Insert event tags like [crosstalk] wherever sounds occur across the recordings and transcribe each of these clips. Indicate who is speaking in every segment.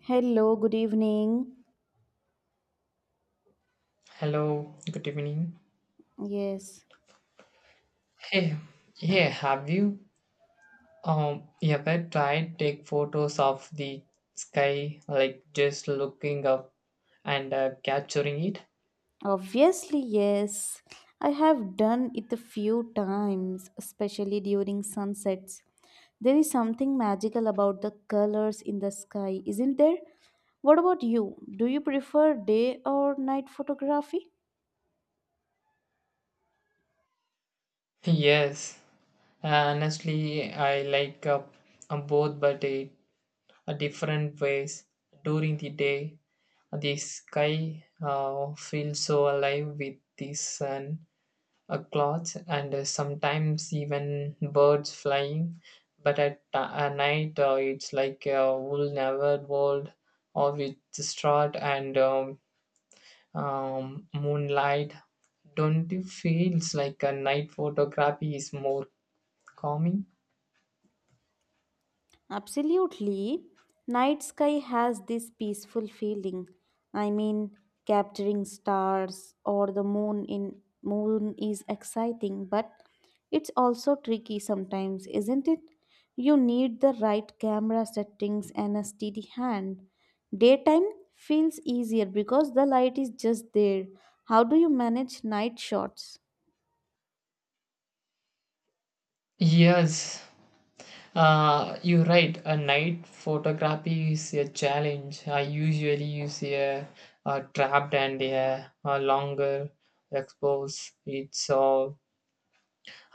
Speaker 1: Hello, good evening.
Speaker 2: Hello, good evening.
Speaker 1: Yes,
Speaker 2: Hey, yeah. have you um ever tried take photos of the sky, like just looking up and capturing it?
Speaker 1: obviously, yes. I have done it a few times, especially during sunsets. There is something magical about the colors in the sky, isn't there? What about you? Do you prefer day or night photography?
Speaker 2: [laughs] Yes, honestly, I like both, but a different ways. During the day, the sky feels so alive with the sun clothes and sometimes even birds flying, but at night it's like a wool never world or with straw and moonlight. Don't you feels like a night photography is more calming?
Speaker 1: Absolutely. Night sky has this peaceful feeling. I mean, capturing stars or the moon in moon is exciting, but it's also tricky sometimes, isn't it? You need the right camera settings and a steady hand. Daytime feels easier because the light is just there. How do you manage night shots?
Speaker 2: Yes, you're right, a night photography is a challenge. I usually use a trapped and a longer expose. It's all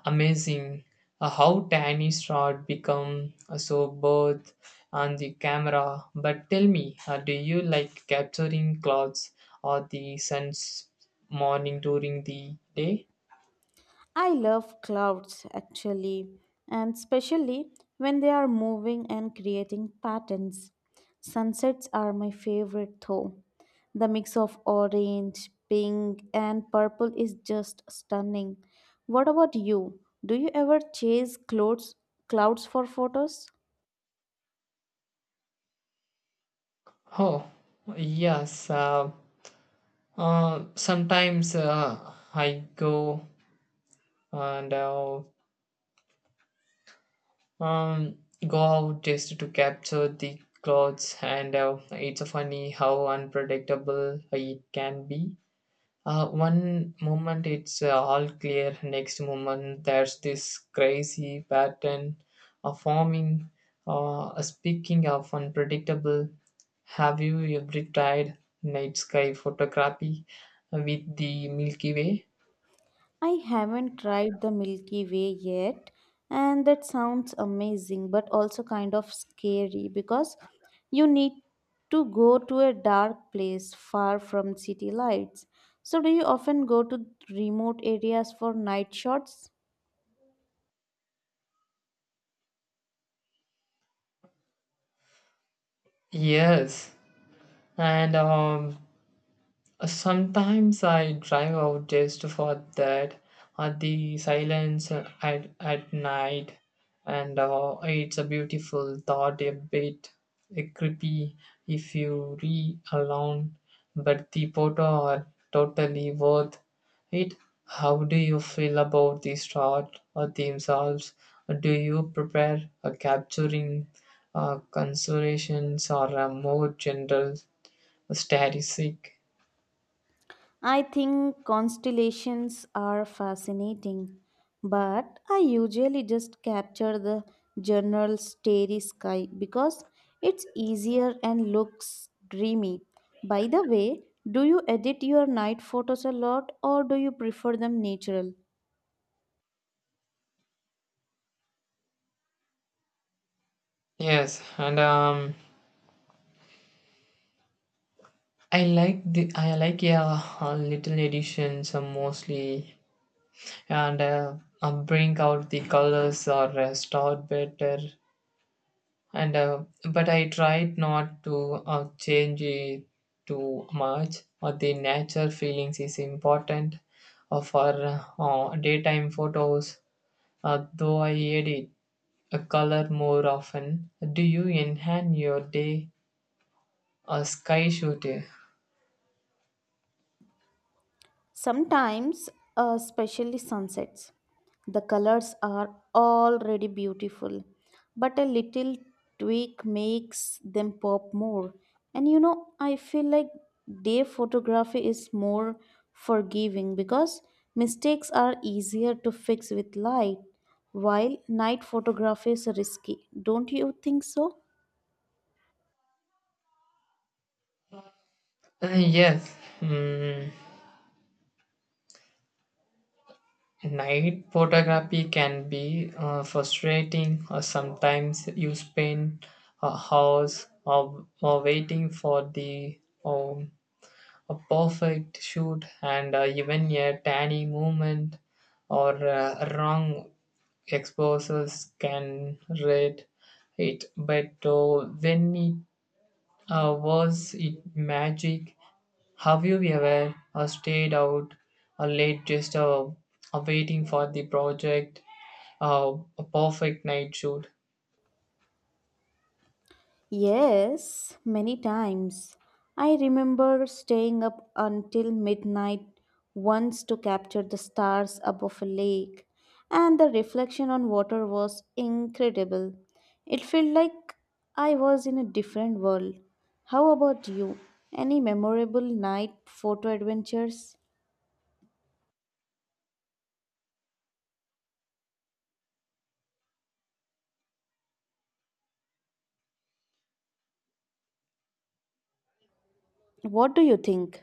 Speaker 2: amazing how tiny shot become so both on the camera. But tell me, do you like capturing clouds or the sun's morning during the day?
Speaker 1: I love clouds actually, and especially when they are moving and creating patterns. Sunsets are my favorite though. The mix of orange, pink, and purple is just stunning. What about you? Do you ever chase clouds for photos?
Speaker 2: Oh yes, sometimes I go and um, go out just to capture the clouds, and it's funny how unpredictable it can be. One moment it's all clear, next moment there's this crazy pattern of forming. Speaking of unpredictable, have you ever tried night sky photography with the Milky Way?
Speaker 1: I haven't tried the Milky Way yet, and that sounds amazing, but also kind of scary because you need to go to a dark place far from city lights. So, do you often go to remote areas for night shots?
Speaker 2: Yes, and sometimes I drive out just for that, or the silence at night, and it's a beautiful thought, a bit a creepy if you re alone, but the photo are totally worth it. How do you feel about the shot or themselves? Do you prepare a capturing considerations or a more general statistic?
Speaker 1: I think constellations are fascinating, but I usually just capture the general starry sky because it's easier and looks dreamy. By the way, do you edit your night photos a lot or do you prefer them natural?
Speaker 2: Yes, and I like the I like yeah a little additions mostly, and bring out the colors or start better, and but I tried not to change it too much. Or the nature feelings is important, for daytime photos. Though I edit a color more often, do you enhance your day? A sky shooter.
Speaker 1: Sometimes, especially sunsets, the colors are already beautiful, but a little tweak makes them pop more. And you know, I feel like day photography is more forgiving because mistakes are easier to fix with light, while night photography is risky. Don't you think so?
Speaker 2: Yes, mm, night photography can be frustrating, or sometimes you spend a hours or waiting for the um, a perfect shoot, and even a tiny movement or wrong exposures can read it. But when it was it magic. Have you ever stayed out late just waiting for the project, a perfect night shoot?
Speaker 1: Yes, many times. I remember staying up until midnight once to capture the stars above a lake, and the reflection on water was incredible. It felt like I was in a different world. How about you? Any memorable night photo adventures? What do you think?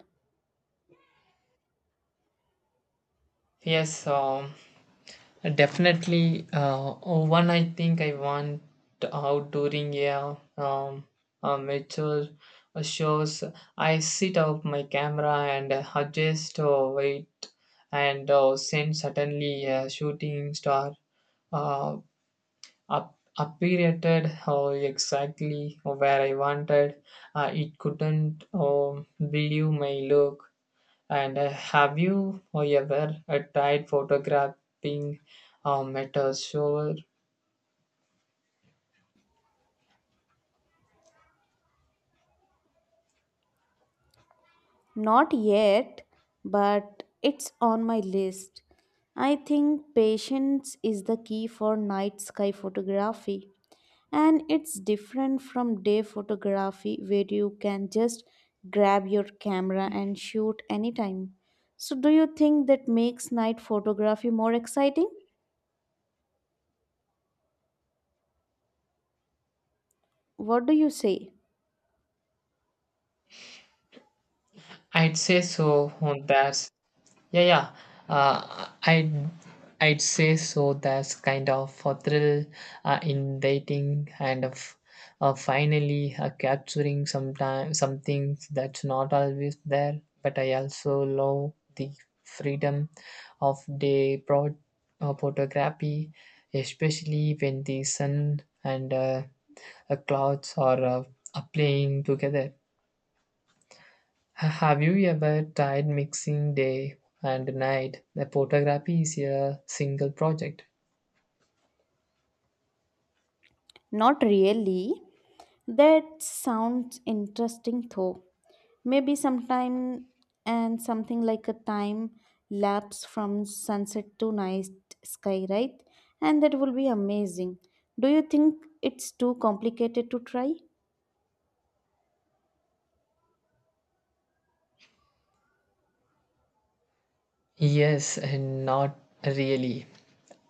Speaker 2: Yes, definitely. One I think I want out during a mature shows. I set up my camera and adjust weight and send suddenly a shooting star. uh, Up, operated exactly where I wanted. It couldn't believe my look. And have you ever tried photographing metal a shower?
Speaker 1: Not yet, but it's on my list. I think patience is the key for night sky photography, and it's different from day photography where you can just grab your camera and shoot anytime. So, do you think that makes night photography more exciting? What do you say?
Speaker 2: I'd say so. There's Yeah, yeah. Uh, I'd I'd say so. That's kind of a thrill in dating and of finally capturing sometime something that's not always there. But I also love the freedom of the broad photography, especially when the sun and clouds are playing together. Have you ever tried mixing day and night? The photography is a single project.
Speaker 1: Not really. That sounds interesting though. Maybe sometime and something like a time lapse from sunset to night sky, right? And that will be amazing. Do you think it's too complicated to try?
Speaker 2: Yes, and not really.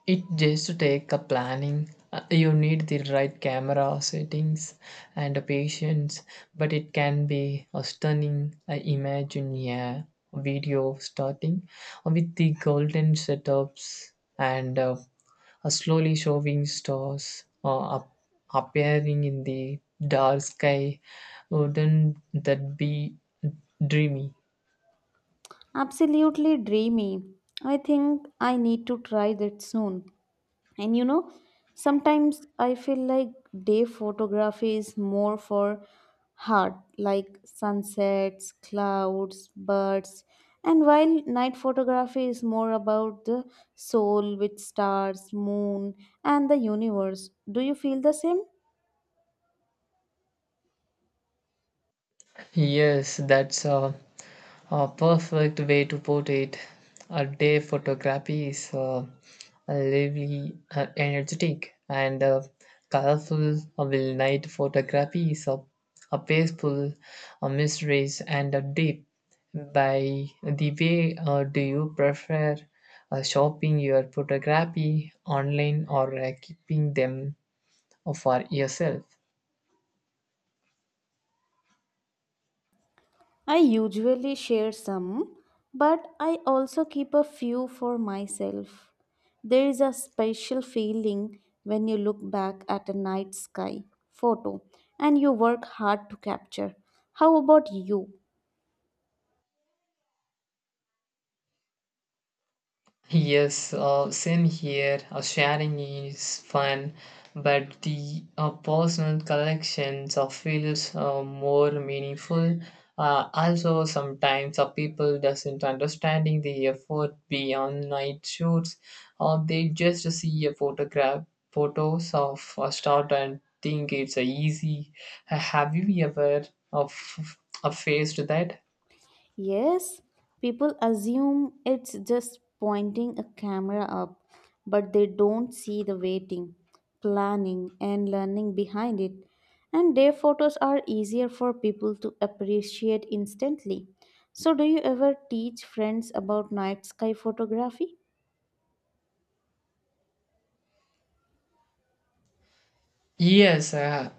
Speaker 2: It just to take a planning. You need the right camera settings and a patience, but it can be a stunning. I imagine, yeah, video starting with the golden setups and a slowly showing stars up, appearing in the dark sky. Wouldn't that be dreamy?
Speaker 1: Absolutely dreamy. I think I need to try that soon. And you know, sometimes I feel like day photography is more for heart, like sunsets, clouds, birds, and while night photography is more about the soul, with stars, moon, and the universe. Do you feel the same?
Speaker 2: Yes, that's a perfect way to put it. A day photography is lively, energetic, and colorful. While night photography is a peaceful, a mysterious, and a deep. By the way, do you prefer shopping your photography online or keeping them for yourself?
Speaker 1: I usually share some, but I also keep a few for myself. There is a special feeling when you look back at a night sky photo and you work hard to capture. How about you?
Speaker 2: Yes, same here. Sharing is fun, but the personal collections feels more meaningful. Also, sometimes people doesn't understanding the effort beyond night shoots, or they just see a photograph photos of a start and think it's easy. Have you ever uh, f- faced that?
Speaker 1: Yes, people assume it's just pointing a camera up, but they don't see the waiting, planning, and learning behind it. And their photos are easier for people to appreciate instantly. So, do you ever teach friends about night sky photography?
Speaker 2: Yes,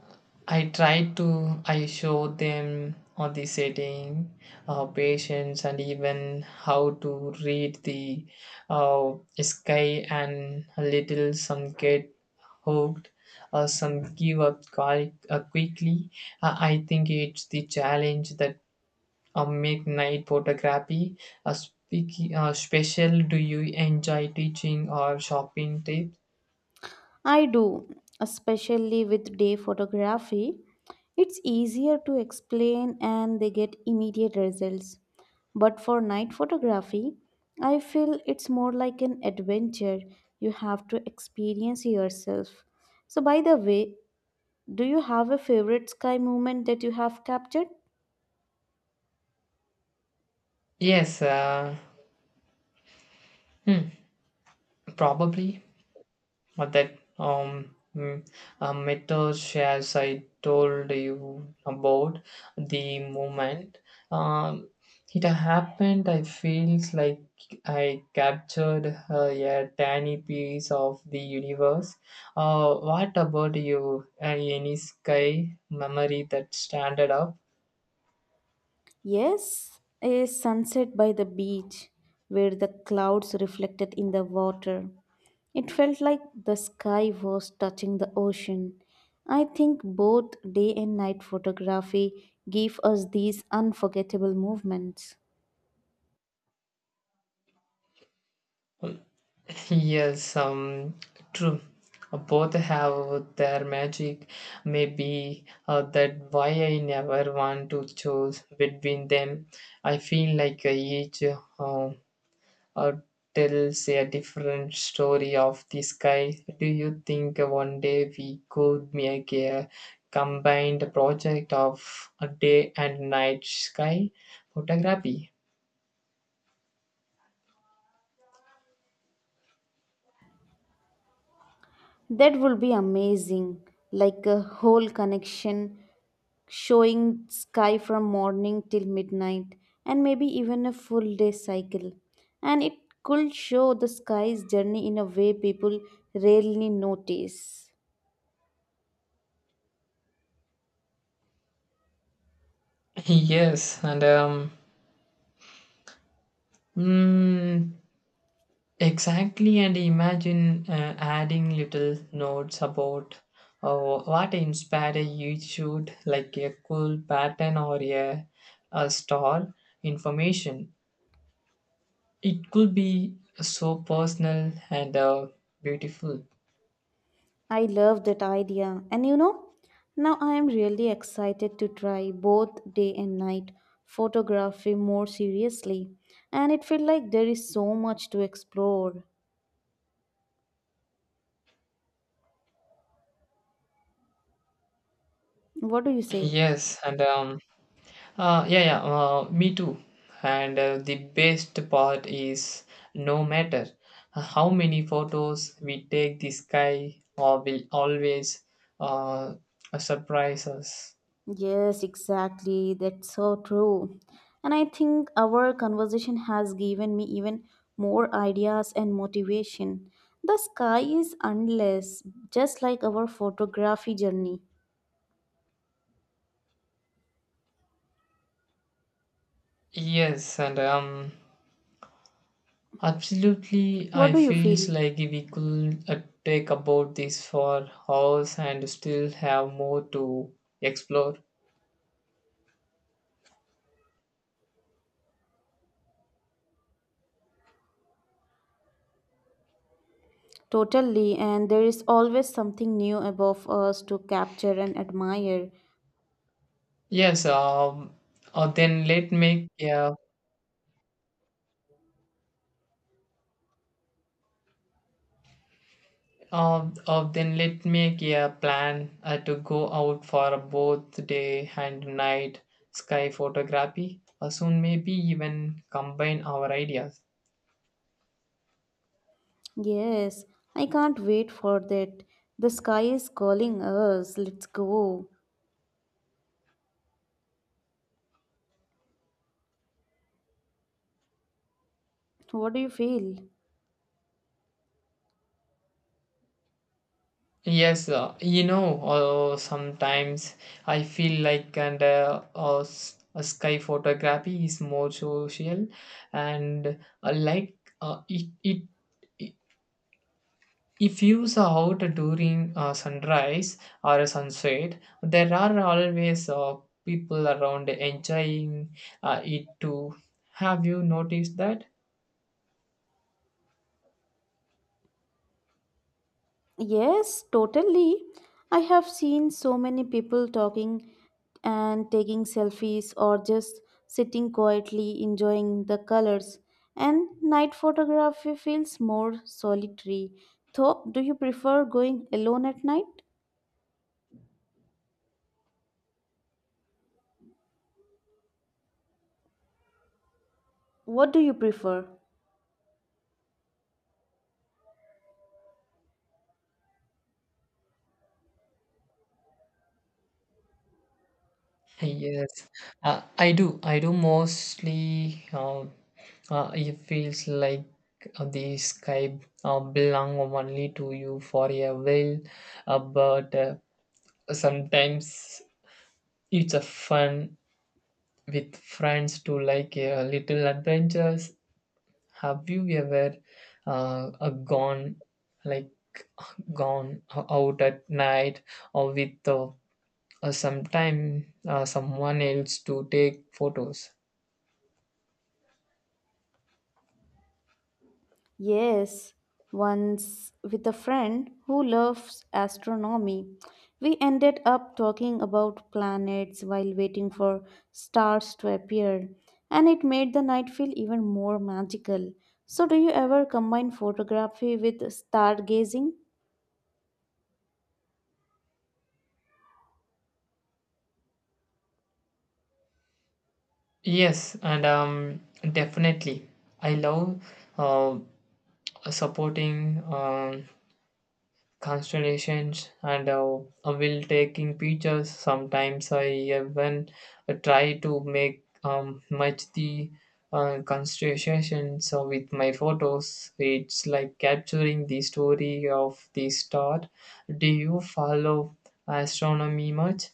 Speaker 2: I try to I show them on the setting, patience, and even how to read the uh, sky. And a little some get hooked, some give up quite, quickly. I think it's the challenge that make night photography speaking special. Do you enjoy teaching or shopping tips?
Speaker 1: I do, especially with day photography. It's easier to explain and they get immediate results. But for night photography, I feel it's more like an adventure you have to experience yourself. So, by the way, do you have a favorite sky moment that you have captured?
Speaker 2: Yes. Hmm, Probably. But that um, mm, Metal shares I told you about the moment. Um, it happened. I feels like I captured a tiny piece of the universe. What about you? Any sky memory that standard up?
Speaker 1: Yes, a sunset by the beach where the clouds reflected in the water. It felt like the sky was touching the ocean. I think both day and night photography give us these unforgettable movements.
Speaker 2: Yes, true. Both have their magic. Maybe that why I never want to choose between them. I feel like each uh, tells a different story of the sky. Do you think one day we could make a combined project of a day and night sky photography?
Speaker 1: That will be amazing, like a whole connection showing sky from morning till midnight and maybe even a full day cycle. And it could show the sky's journey in a way people rarely notice.
Speaker 2: [laughs] Yes, mm, exactly, and imagine adding little notes about uh, what inspired you shoot, like a cool pattern or a star information. It could be so personal and beautiful.
Speaker 1: I love that idea. And you know, now I am really excited to try both day and night photography more seriously. And it feels like there is so much to explore. What do you say?
Speaker 2: Yes, and um, yeah, Me too. And the best part is no matter how many photos we take, the sky or will always uh, surprise us.
Speaker 1: Yes, exactly. That's so true. And I think our conversation has given me even more ideas and motivation. The sky is endless, just like our photography journey.
Speaker 2: Yes, and absolutely,
Speaker 1: What
Speaker 2: I
Speaker 1: do you
Speaker 2: feels
Speaker 1: feel?
Speaker 2: like we could take about this for hours and still have more to explore.
Speaker 1: Totally, and there is always something new above us to capture and admire.
Speaker 2: Yes, then let me make a then let make a plan to go out for both day and night sky photography. Soon maybe even combine our ideas.
Speaker 1: Yes, I can't wait for that. The sky is calling us. Let's go. What do you feel?
Speaker 2: Yes, you know, sometimes I feel like sky photography is more social and like it if views are out during sunrise or a sunset, there are always people around enjoying it too. Have you noticed that?
Speaker 1: Yes, totally. I have seen so many people talking and taking selfies or just sitting quietly enjoying the colors. And night photography feels more solitary. So, do you prefer going alone at night? What do you prefer?
Speaker 2: Yes, I do. I do mostly. It feels like the sky belong only to you for a while, but sometimes it's a fun with friends to like a little adventures. Have you ever uh, uh, gone like gone out at night or with sometime someone else to take photos?
Speaker 1: Yes, once with a friend who loves astronomy, we ended up talking about planets while waiting for stars to appear, and it made the night feel even more magical. So, do you ever combine photography with stargazing?
Speaker 2: Yes, and definitely. I love uh, supporting constellations and I will taking pictures. Sometimes I even try to make much the constellations so with my photos. It's like capturing the story of the star. Do you follow astronomy much?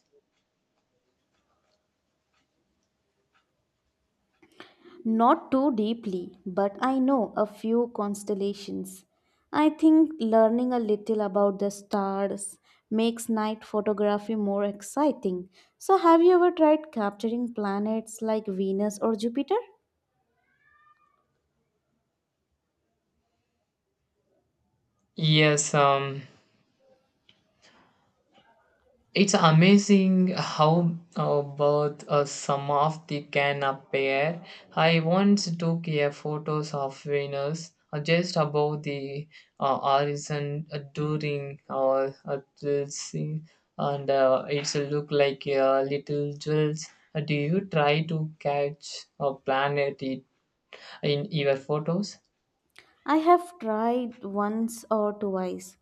Speaker 1: Not too deeply, but I know a few constellations. I think learning a little about the stars makes night photography more exciting. So, have you ever tried capturing planets like Venus or Jupiter?
Speaker 2: Yes, it's amazing how both some of the can appear. I once took a photos of Venus just above the horizon during our the sea, and it's look like a little jewels. Do you try to catch a planet in your photos?
Speaker 1: I have tried once or twice,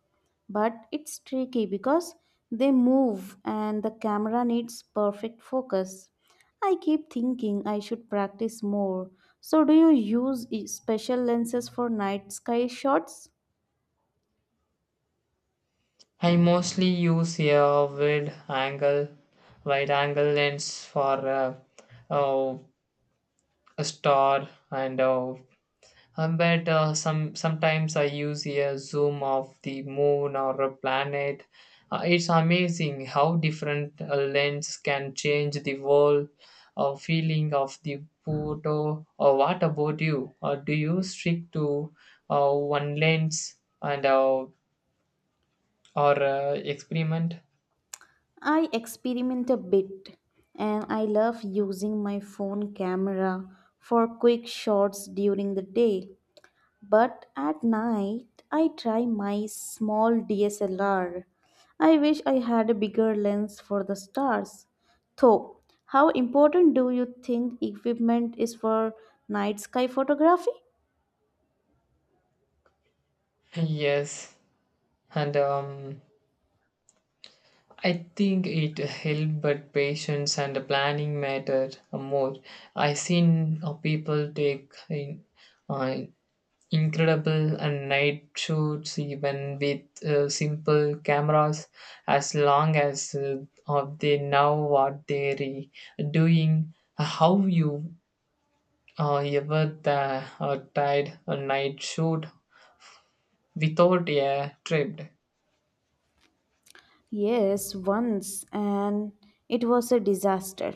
Speaker 1: but it's tricky because they move and the camera needs perfect focus. I keep thinking I should practice more. So, do you use special lenses for night sky shots?
Speaker 2: I mostly use a wide angle lens for. Uh, a star and but sometimes I use a zoom of the moon or a planet. It's amazing how different lens can change the world feeling of the photo. Or what about you? Or do you stick to one lens and or experiment?
Speaker 1: I experiment a bit and I love using my phone camera for quick shots during the day. But at night, I try my small DSLR. I wish I had a bigger lens for the stars. Though, how important do you think equipment is for night sky photography?
Speaker 2: Yes, and I think it helped, but patience and the planning matter more. I seen people take uh, incredible and night shoots even with simple cameras, as long as they know what they're doing. How you tried a night shoot without a trip?
Speaker 1: Yes, once, and it was a disaster.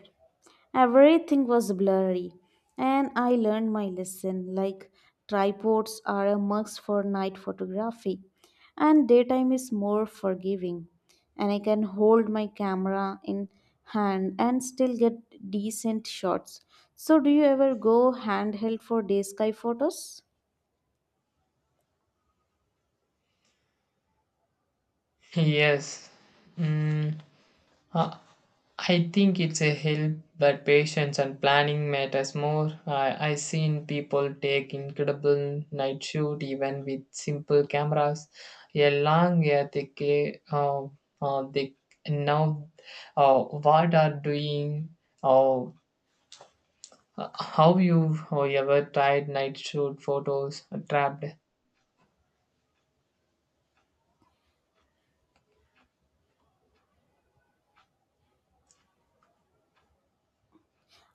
Speaker 1: Everything was blurry, and I learned my lesson like tripods are a must for night photography, and daytime is more forgiving. And I can hold my camera in hand and still get decent shots. So, do you ever go handheld for day sky photos?
Speaker 2: Yes. Mm. Uh, I think it's a help that patience and planning matters more. I seen people take incredible night shoot even with simple cameras. A long yeah they know what are doing. Or how you ever tried night shoot photos trapped.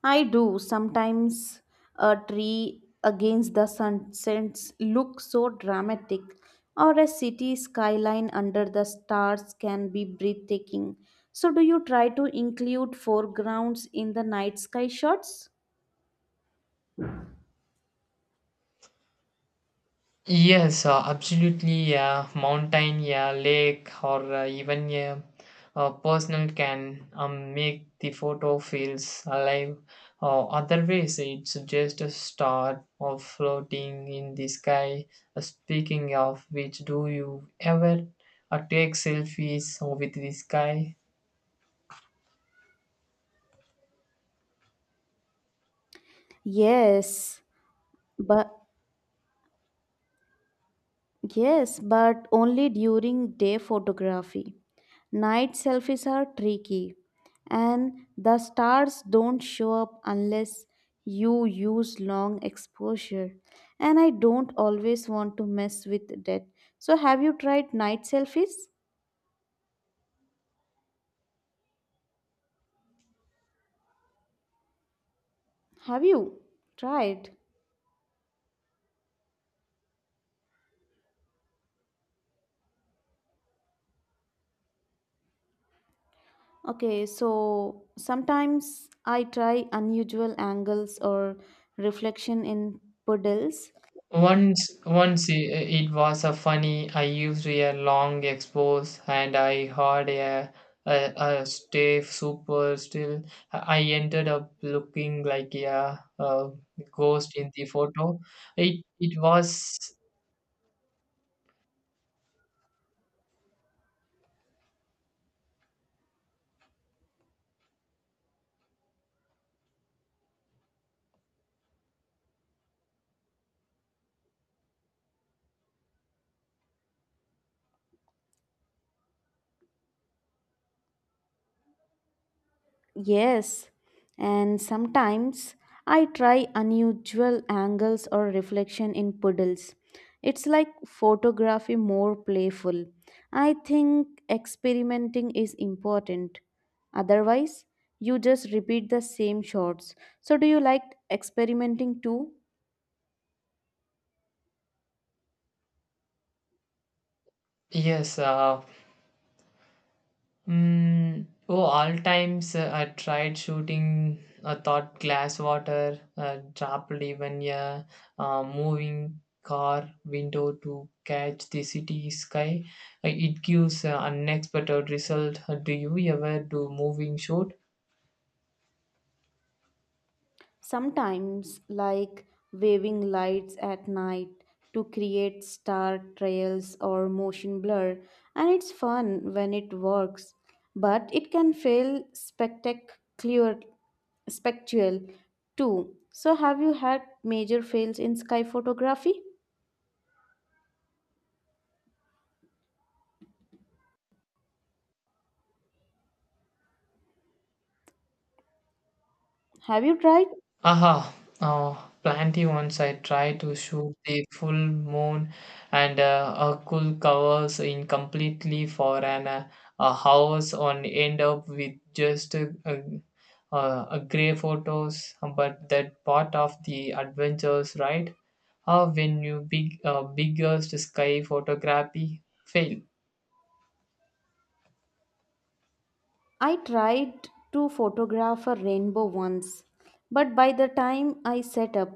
Speaker 1: I do. Sometimes a tree against the sunsets looks so dramatic, or a city skyline under the stars can be breathtaking. So, do you try to include foregrounds in the night sky shots?
Speaker 2: Yes, absolutely. Yeah, mountain, yeah, lake, or even yeah, a personal can make the photo feels alive. Otherwise, it's just a star or floating in the sky. Speaking of which, do you ever take selfies with the sky?
Speaker 1: Yes, but Yes, but only during day photography. Night selfies are tricky, and the stars don't show up unless you use long exposure. And I don't always want to mess with that. So, have you tried night selfies? Have you tried? Okay, so sometimes I try unusual angles or reflection in puddles.
Speaker 2: Once, once i- it was a funny. I used a long expose, and I had a, a stiff super still. I ended up looking like a ghost in the photo. It was
Speaker 1: Yes, and sometimes I try unusual angles or reflection in puddles. It's like photography more playful. I think experimenting is important. Otherwise, you just repeat the same shots. So, do you like experimenting too?
Speaker 2: yes. Oh, all times I tried shooting a thought glass water, dropped even a moving car window to catch the city sky. It gives unexpected result. Do you ever do moving shoot?
Speaker 1: Sometimes, like waving lights at night to create star trails or motion blur, and it's fun when it works, but it can feel spectral too. So, have you had major fails in sky photography? Have you tried?
Speaker 2: Aha, oh, plenty. Once I tried to shoot the full moon and a cool covers in completely for an a house and end up with just a gray photos. But that part of the adventures, right? How when you big biggest sky photography fail.
Speaker 1: I tried to photograph a rainbow once, but by the time I set up,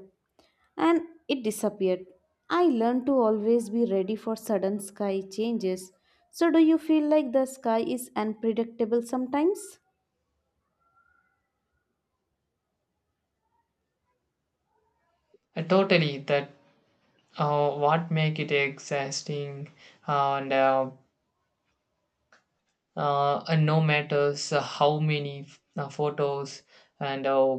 Speaker 1: and it disappeared. I learned to always be ready for sudden sky changes. So, do you feel like the sky is unpredictable sometimes?
Speaker 2: Totally, that what make it exhausting uh, and uh, and no matters how many photos and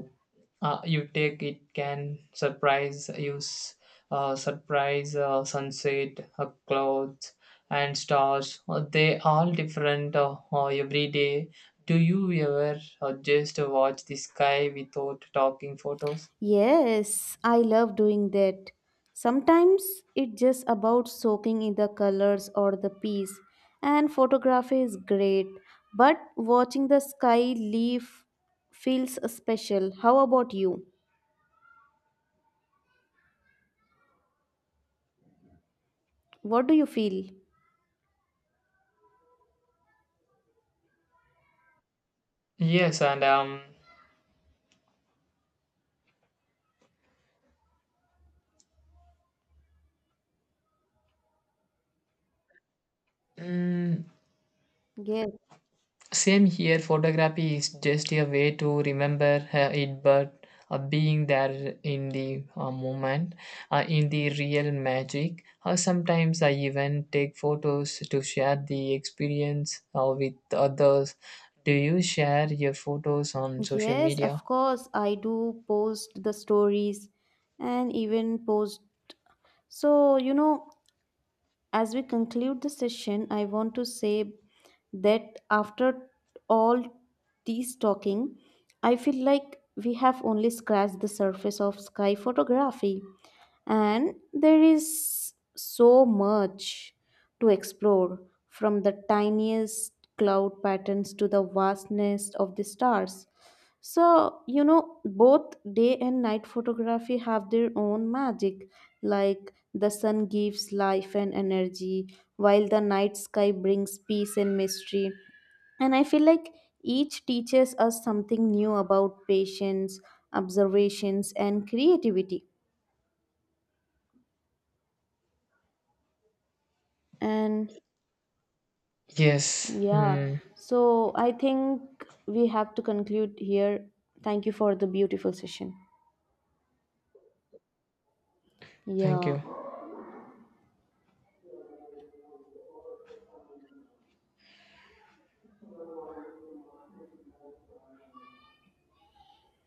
Speaker 2: you take, it can surprise you surprise sunset clouds and stars they all different every day. Do you ever just watch the sky without talking photos?
Speaker 1: Yes, I love doing that. Sometimes it's just about soaking in the colors or the peace, and photography is great, but watching the sky leaf feels special. How about you? What do you feel?
Speaker 2: yes and um mm,
Speaker 1: Yes.
Speaker 2: Same here, photography is just a way to remember it, but being there in the moment, in the real magic. Sometimes I even take photos to share the experience with others. Do you share your photos on social
Speaker 1: Yes,
Speaker 2: media?
Speaker 1: of course, I do post the stories and even post. So, you know, as we conclude the session, I want to say that after all these talking, I feel like we have only scratched the surface of sky photography, and there is so much to explore from the tiniest cloud patterns to the vastness of the stars. So, you know, both day and night photography have their own magic. Like the sun gives life and energy, while the night sky brings peace and mystery. And I feel like each teaches us something new about patience, observations, and creativity. And
Speaker 2: Yes.
Speaker 1: yeah,
Speaker 2: Hmm.
Speaker 1: so I think we have to conclude here. Thank you for the beautiful session.
Speaker 2: Thank you.
Speaker 1: Yeah.